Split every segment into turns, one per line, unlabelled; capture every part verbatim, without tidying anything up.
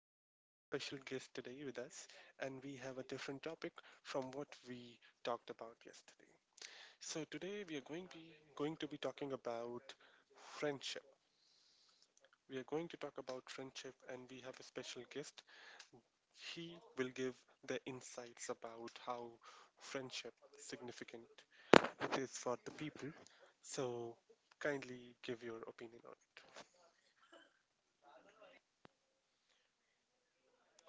We have a very special guest today with us, and we have a different topic from what we talked about yesterday. So today we are going to be going to be talking about friendship. We are going to talk about friendship, and we have a special guest. He will give the insights about how friendship significant it is for the people. So kindly give your opinion on it.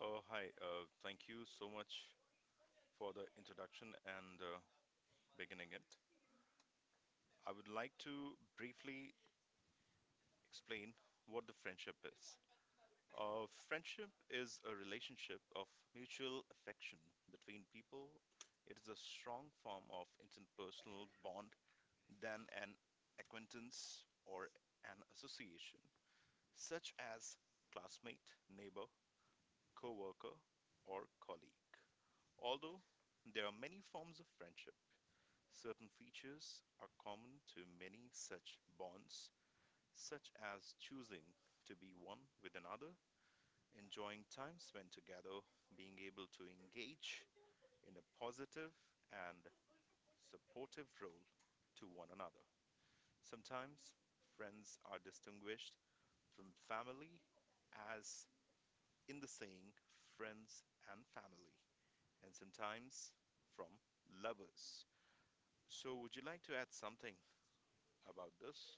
Uh, hi, uh, thank you so much for the introduction and uh, beginning it. I would like to briefly explain what the friendship is. Uh, friendship is a relationship of mutual affection between people. It is a strong form of interpersonal bond than an acquaintance or an association, such as classmate, neighbor, co worker, or colleague. Although there are many forms of friendship, certain features are common to many such bonds, such as choosing to be one with another, enjoying time spent together, being able to engage in a positive and supportive role to one another. Sometimes friends are distinguished from family, as in the saying, friends and family, and sometimes from lovers. So, would you like to add something about this?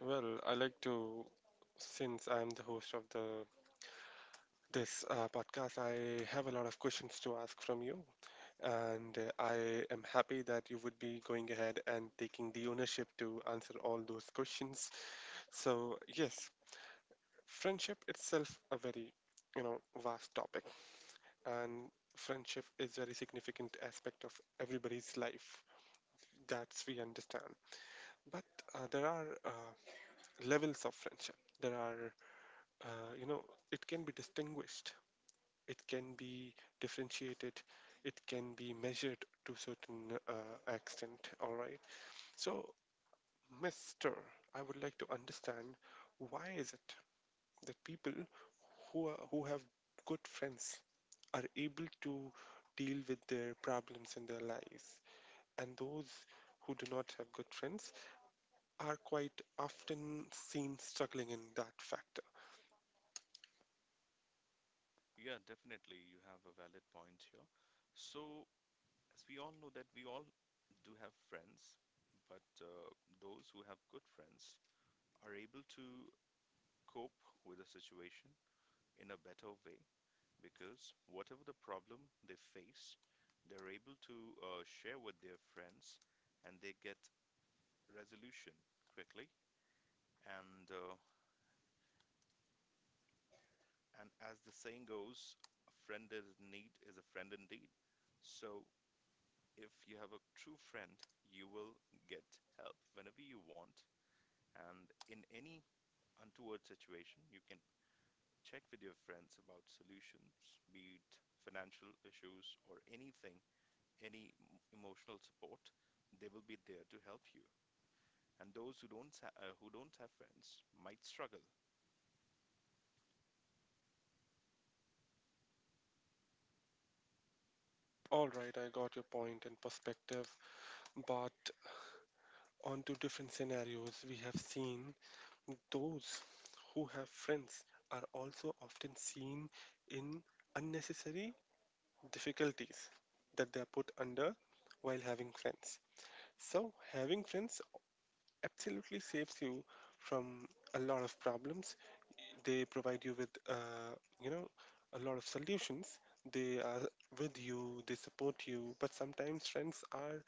Well, I like to, since I'm the host of the this uh, podcast, I have a lot of questions to ask from you, and uh, I am happy that you would be going ahead and taking the ownership to answer all those questions. So, yes, friendship itself a very, you know, vast topic, and friendship is very significant aspect of everybody's life. That's we understand, but uh, there are uh, levels of friendship. There are uh, you know, it can be distinguished, it can be differentiated, it can be measured to certain uh, extent. All right. So, Mister, I would like to understand why is it that people who are, who have good friends are able to deal with their problems in their lives, and those who do not have good friends are quite often seen struggling in that factor.
Yeah, definitely. You have a valid point here. So, as we all know that we all do have friends, but uh, those who have good friends are able to cope with a situation in a better way because whatever the problem they face, they're able to uh, share with their friends and they get resolution quickly. And uh, and as the saying goes, a friend in need is a friend indeed. So if you have a true friend, you will get help whenever you want. And in any untoward situation, you can check with your friends about solutions, be it financial issues or anything, any emotional support. They will be there to help you. And those who don't ha- uh, who don't have friends might struggle.
All right, I got your point and perspective, but on to different scenarios, we have seen those who have friends are also often seen in unnecessary difficulties that they are put under while having friends. So, having friends absolutely saves you from a lot of problems. They provide you with, uh, you know, a lot of solutions. They are with you, they support you, but sometimes friends are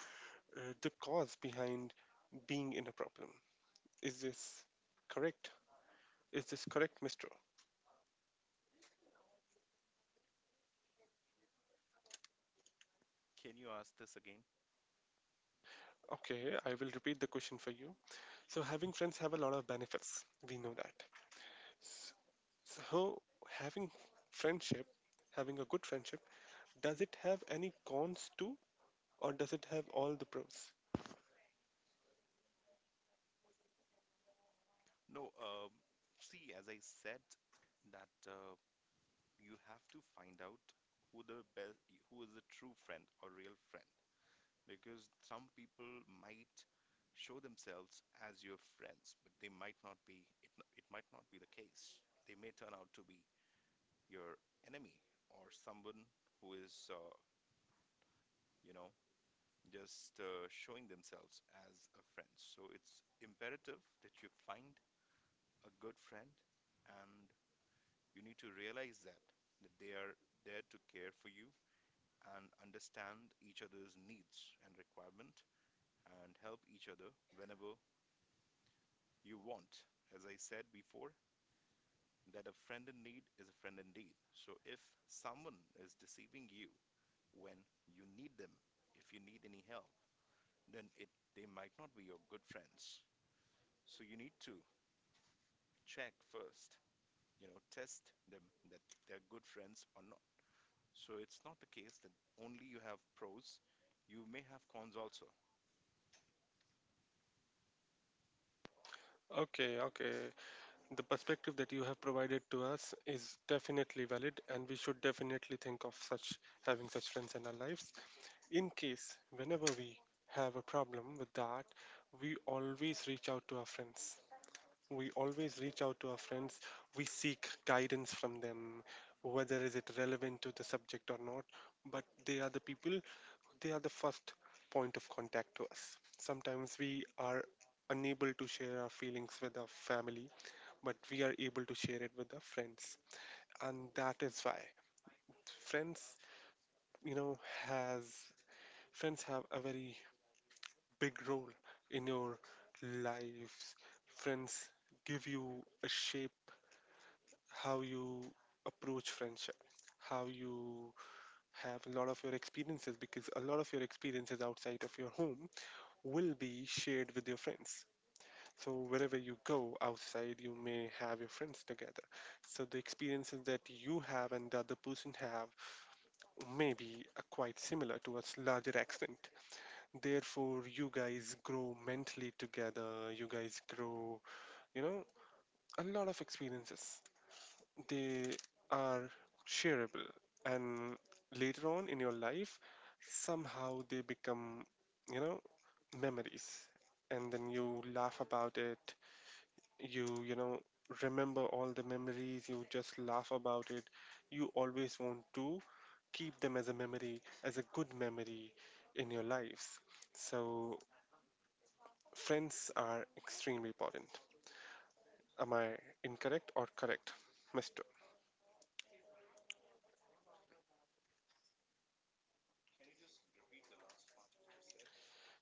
uh, the cause behind being in a problem. Is this correct? Is this correct, Mister?
Can you ask this again?
Okay, I will repeat the question for you. So, having friends have a lot of benefits. We know that. S- So, having friendship, having a good friendship, does it have any cons too, or does it have all the pros?
No. Um, see, as I said, that uh, you have to find out who the best, who is a true friend or real friend, because some people might show themselves as your friends, but they might not be, it, it might not be the case. They may turn out to be your enemy or someone who is, uh, you know, just uh, showing themselves as a friend. So it's imperative that you find a good friend and you need to realize that, that they are there to care for you and understand each other's needs and requirement and help each other whenever you want, as I said before, that a friend in need is a friend indeed. So if someone is deceiving you when you need them, if you need any help, then it they might not be your good friends. So you need to check first, you know, test them that they're good friends or not. So it's not the case that only you have pros, you may have cons also.
Okay, okay. The perspective that you have provided to us is definitely valid, and we should definitely think of such having such friends in our lives. In case, whenever we have a problem with that, we always reach out to our friends. We always reach out to our friends. We seek guidance from them, whether is it relevant to the subject or not. But they are the people, they are the first point of contact to us. Sometimes we are unable to share our feelings with our family, but we are able to share it with our friends. And that is why friends, you know, has friends have a very big role in your lives. Friends give you a shape how you approach friendship, how you have a lot of your experiences because a lot of your experiences outside of your home will be shared with your friends. So wherever you go outside, you may have your friends together. So the experiences that you have and the other person have may be uh, quite similar to a s- larger extent. Therefore, you guys grow mentally together, you guys grow, you know, a lot of experiences. They are shareable, and later on in your life, somehow they become, you know, memories. And then you laugh about it, you, you know, remember all the memories, you just laugh about it. You always want to keep them as a memory, as a good memory in your lives. So Friends are extremely important. Am I incorrect or correct, Mister?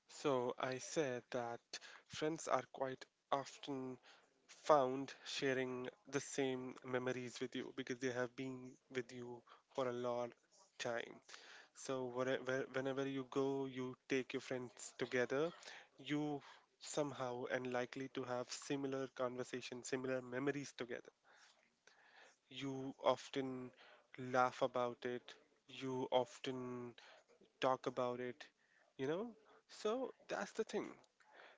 So I said that friends are quite often found sharing the same memories with you because they have been with you for a long time. So where- where- whenever you go, you take your friends together. You somehow and likely to have similar conversation, similar memories together. You often laugh about it. You often talk about it, you know? So that's the thing.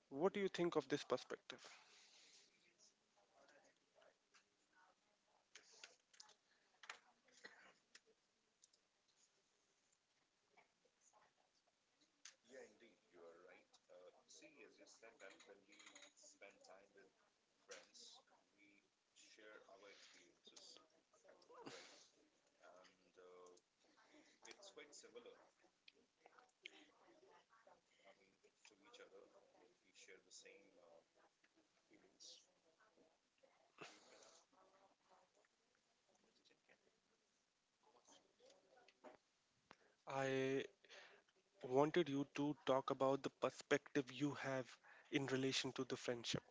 What do you think of this perspective? I wanted you to talk about the perspective you have in relation to the friendship.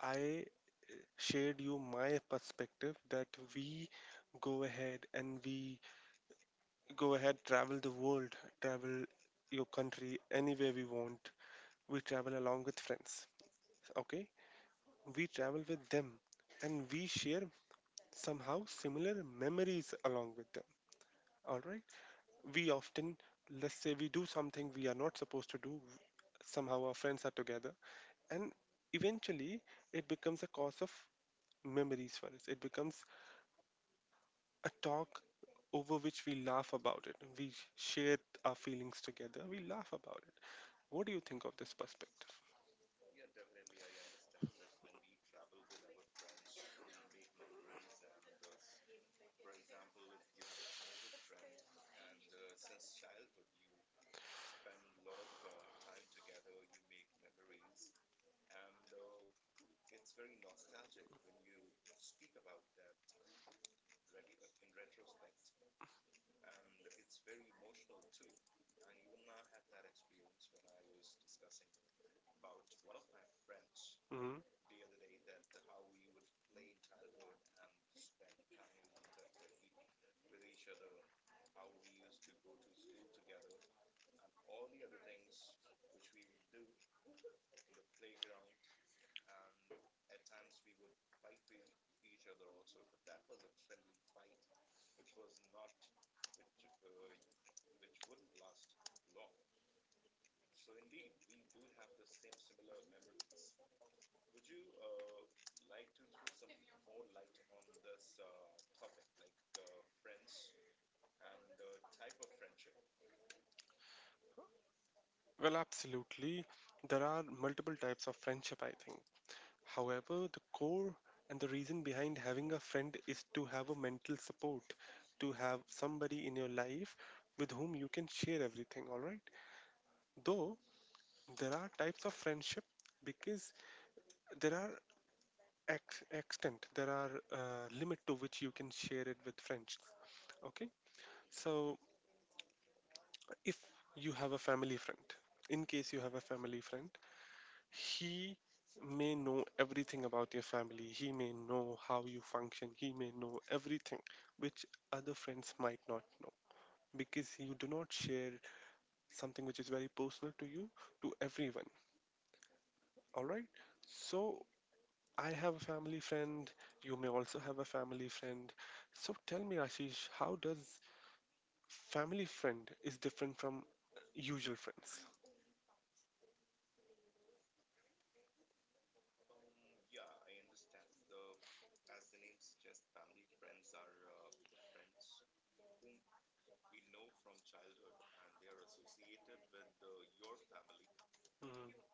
I shared you my perspective that we go ahead and we go ahead, travel the world, travel your country anywhere we want. We travel along with friends. Okay? We travel with them and we share somehow similar memories along with them. All right. We often, let's say, we do something we are not supposed to do. Somehow our friends are together. And eventually, it becomes a cause of memories for us. It becomes a talk over which we laugh about it. We share our feelings together. We laugh about it. What do you think of this perspective? Mhm. Well, absolutely. There are multiple types of friendship, I think. However, the core and the reason behind having a friend is to have a mental support, to have somebody in your life with whom you can share everything, all right? Though there are types of friendship because there are ex- extent, there are uh, limit to which you can share it with friends, okay? So if you have a family friend, in case you have a family friend, he may know everything about your family. He may know how you function. He may know everything which other friends might not know because you do not share something which is very personal to you to everyone. All right. So I have a family friend. You may also have a family friend. So tell me, Ashish, how does family friend is different from usual friends? Hmm.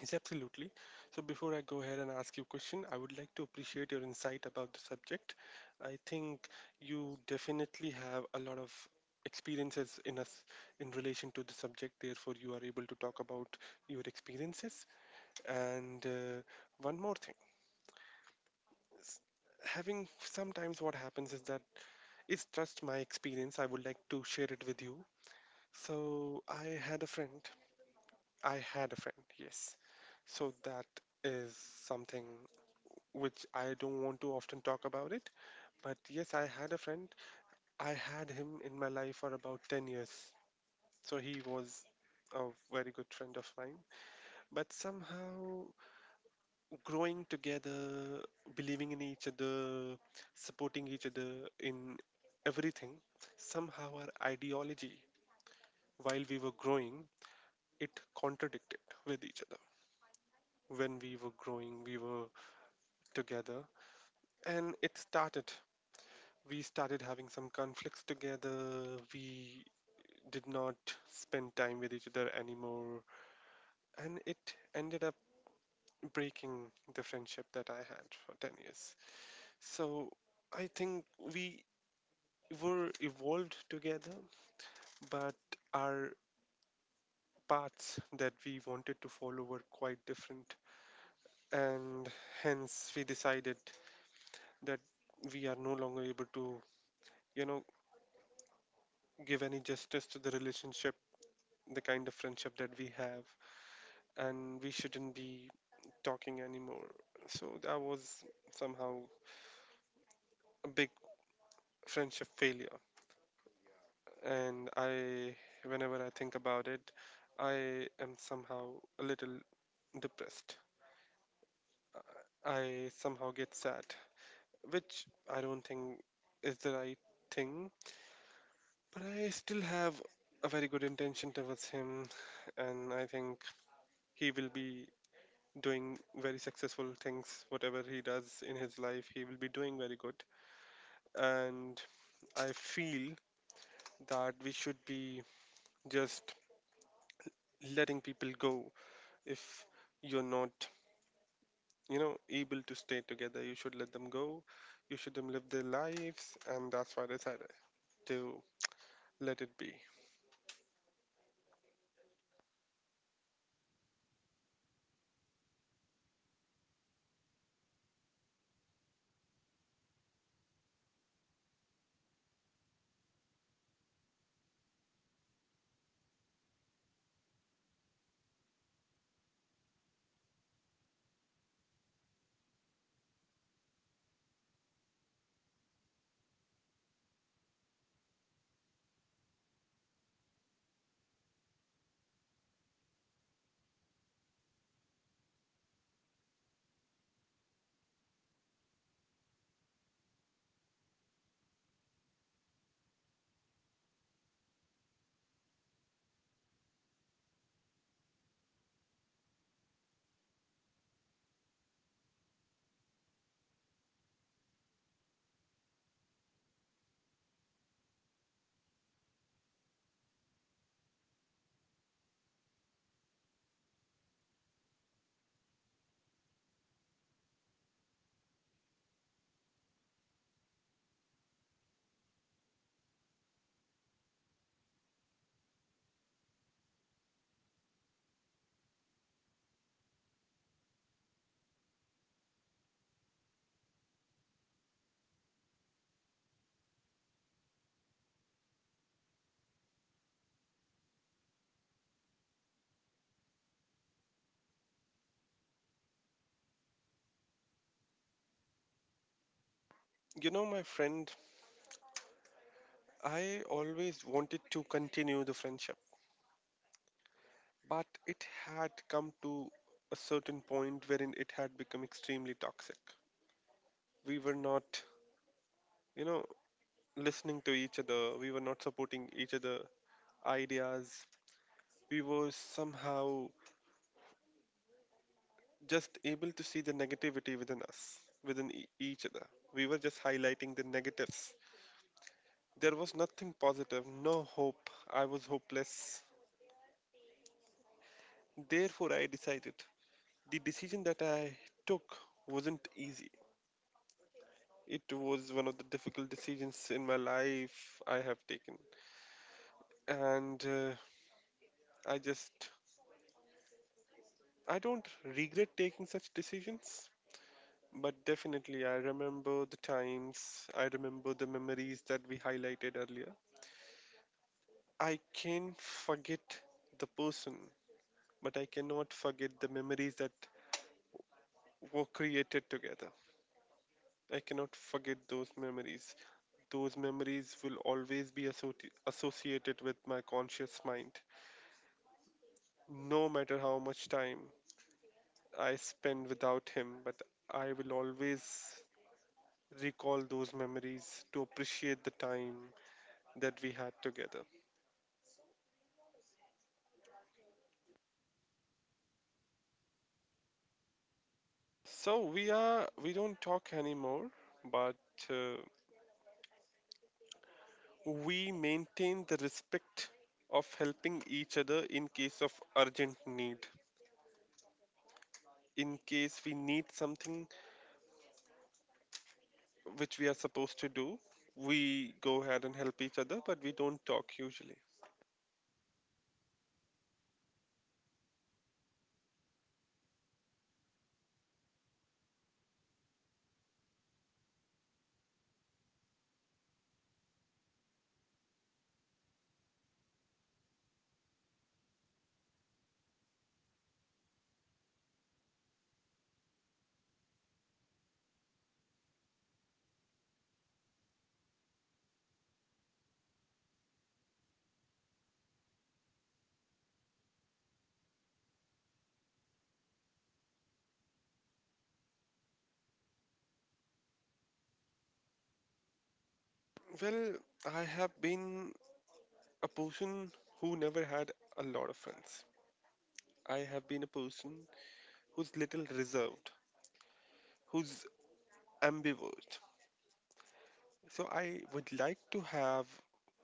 Yes, absolutely. So before I go ahead and ask you a question, I would like to appreciate your insight about the subject. I think you definitely have a lot of experiences in us in relation to the subject. Therefore, you are able to talk about your experiences. And uh, one more thing, s- having sometimes what happens is that it's just my experience. I would like to share it with you. So I had a friend. I had a friend. Yes. So that is something which I don't want to often talk about it. But yes, I had a friend. I had him in my life for about ten years. So he was a very good friend of mine. But somehow, growing together, believing in each other, supporting each other in everything, somehow our ideology, while we were growing, it contradicted with each other. When we were growing, we were together. And it started we started having some conflicts together. We did not spend time with each other anymore. And it ended up breaking the friendship that I had for ten years. So I think we were evolved together, but our paths that we wanted to follow were quite different. And hence, we decided that we are no longer able to, you know, give any justice to the relationship, the kind of friendship that we have. And we shouldn't be talking anymore. So that was somehow a big friendship failure. And I, whenever I think about it, I am somehow a little depressed. I somehow get sad, which I don't think is the right thing. But I still have a very good intention towards him, and I think he will be doing very successful things. Whatever he does in his life, he will be doing very good. and I feel that we should be just letting people go if you're not you know able to stay together. You should let them go. You should them live their lives, and that's why I decided to let it be, you know my friend. I always wanted to continue the friendship, but it had come to a certain point wherein it had become extremely toxic. We were not you know listening to each other. We were not supporting each other ideas. We were somehow just able to see the negativity within us, within e- each other. We were just highlighting the negatives. There was nothing positive, no hope. I was hopeless. Therefore, I decided the decision that I took wasn't easy. It was one of the difficult decisions in my life I have taken. And uh, I just, I don't regret taking such decisions But definitely, I remember the times, I remember the memories that we highlighted earlier. I can forget the person, but I cannot forget the memories that were created together. I cannot forget those memories. Those memories will always be associ- associated with my conscious mind. No matter how much time I spend without him, but I will always recall those memories to appreciate the time that we had together. So we are we don't talk anymore, but uh, we maintain the respect of helping each other in case of urgent need. In case we need something which we are supposed to do, we go ahead and help each other, but we don't talk usually. Well, I have been a person who never had a lot of friends. I have been a person who's little reserved, who's ambivert. So I would like to have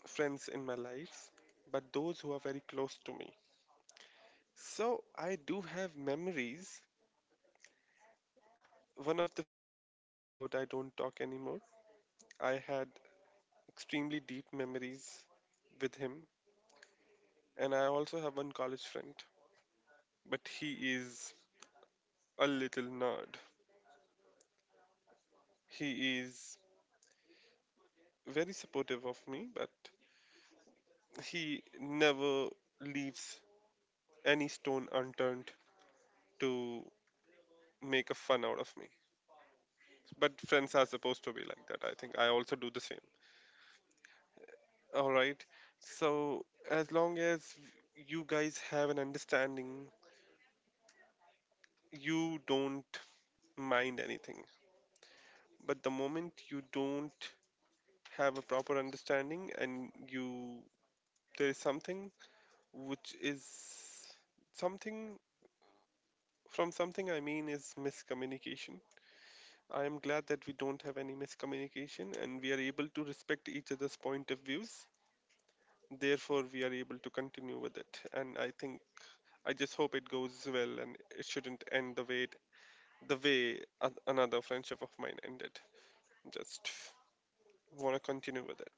friends in my life, but those who are very close to me. So I do have memories. One of the friend that I talked about, I don't talk anymore. I had extremely deep memories with him, and I also have one college friend, but he is a little nerd. He is very supportive of me, but he never leaves any stone unturned to make a fun out of me. But friends are supposed to be like that. I think I also do the same. All right. So as long as you guys have an understanding, you don't mind anything. But the moment you don't have a proper understanding and you there is something which is something from something I mean is miscommunication. I am glad that we don't have any miscommunication and we are able to respect each other's point of views. Therefore, we are able to continue with it. And I think I just hope it goes well and it shouldn't end the way it, the way a- another friendship of mine ended. Just want to continue with it.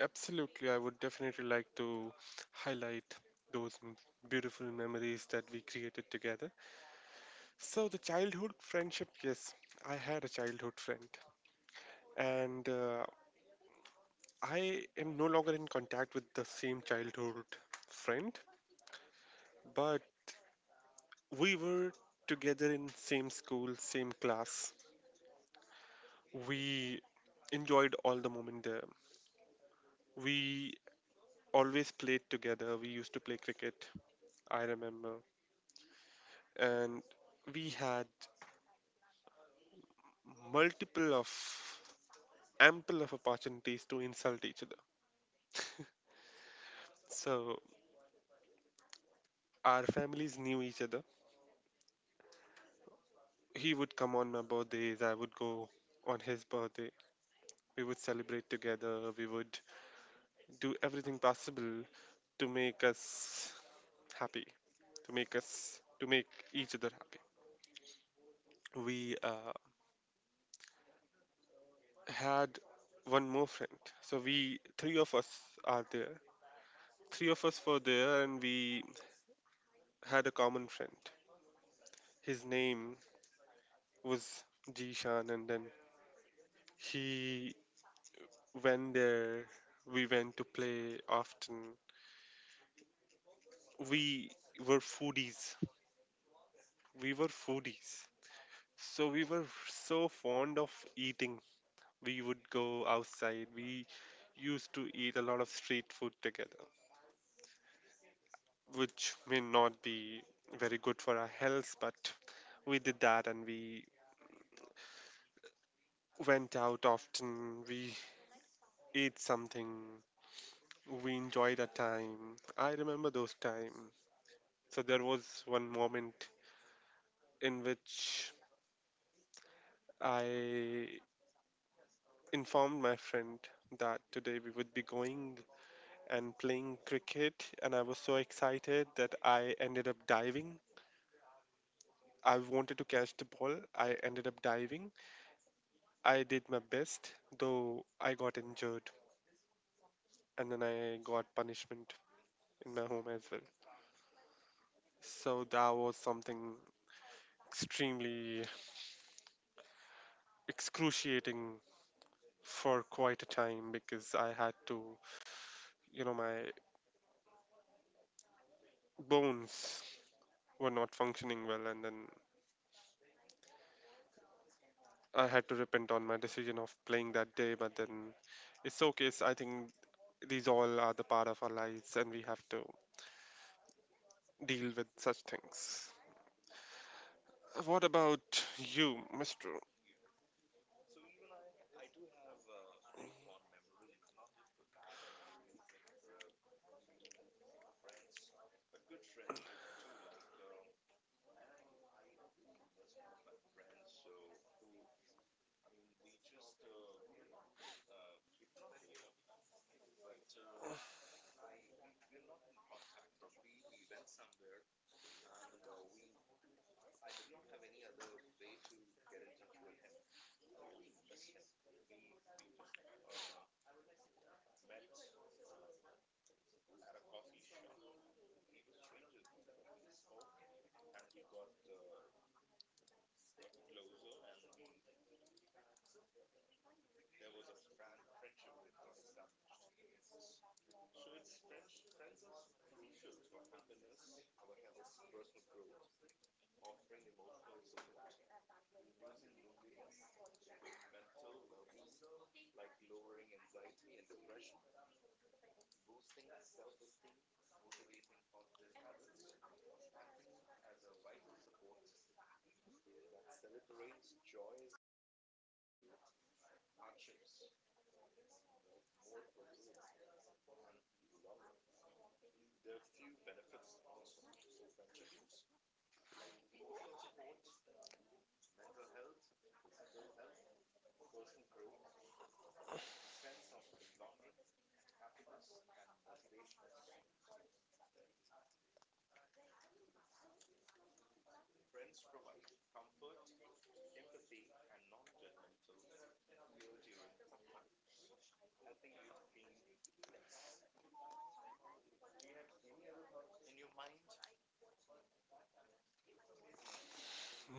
Absolutely, I would definitely like to highlight those m- beautiful memories that we created together. So, the childhood friendship, yes, I had a childhood friend, and uh, I am no longer in contact with the same childhood friend, but we were together in same school, same class. We enjoyed all the moment there. We always played together. We used to play cricket, I remember. And we had multiple of ample of opportunities to insult each other. So our families knew each other. He would come on my birthdays, I would go on his birthday. We would celebrate together, we would do everything possible to make us happy. to make us to make each other happy. We uh, had one more friend, so we three of us are there. Three of us were there, and we had a common friend. His name was Jishan, and then he went there. We went to play often. We were foodies. We were foodies. So we were so fond of eating. We would go outside. We used to eat a lot of street food together, which may not be very good for our health, but we did that and we went out often. We ate something. We enjoyed our time. I remember those times. So there was one moment in which I informed my friend that today we would be going and playing cricket, and I was so excited that I ended up diving. I wanted to catch the ball. I ended up diving. I did my best, though I got injured and then I got punishment in my home as well. So that was something extremely excruciating for quite a time because I had to, you know, my bones were not functioning well and then I had to repent on my decision of playing that day. But then it's okay. It's, I think these all are the part of our lives and we have to deal with such things. What about you, mister?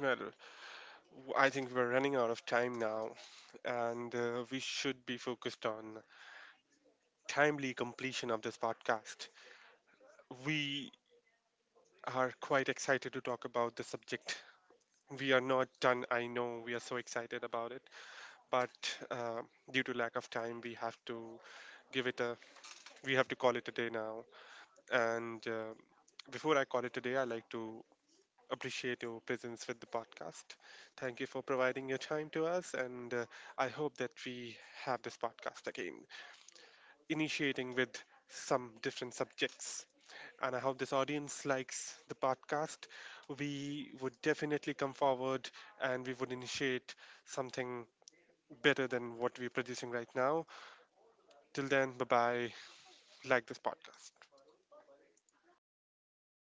Well, W- I think we're running out of time now, and uh, we should be focused on timely completion of this podcast. We are quite excited to talk about the subject. We are not done. I know we are so excited about it, but uh, due to lack of time, we have to give it a. We have to call it a day now. And uh, before I call it a day, I like to appreciate your presence with the podcast. Thank you for providing your time to us, and uh, I hope that we have this podcast again, initiating with some different subjects. And I hope this audience likes the podcast. We would definitely come forward and we would initiate something better than what we're producing right now. Till then, bye bye. Like this podcast.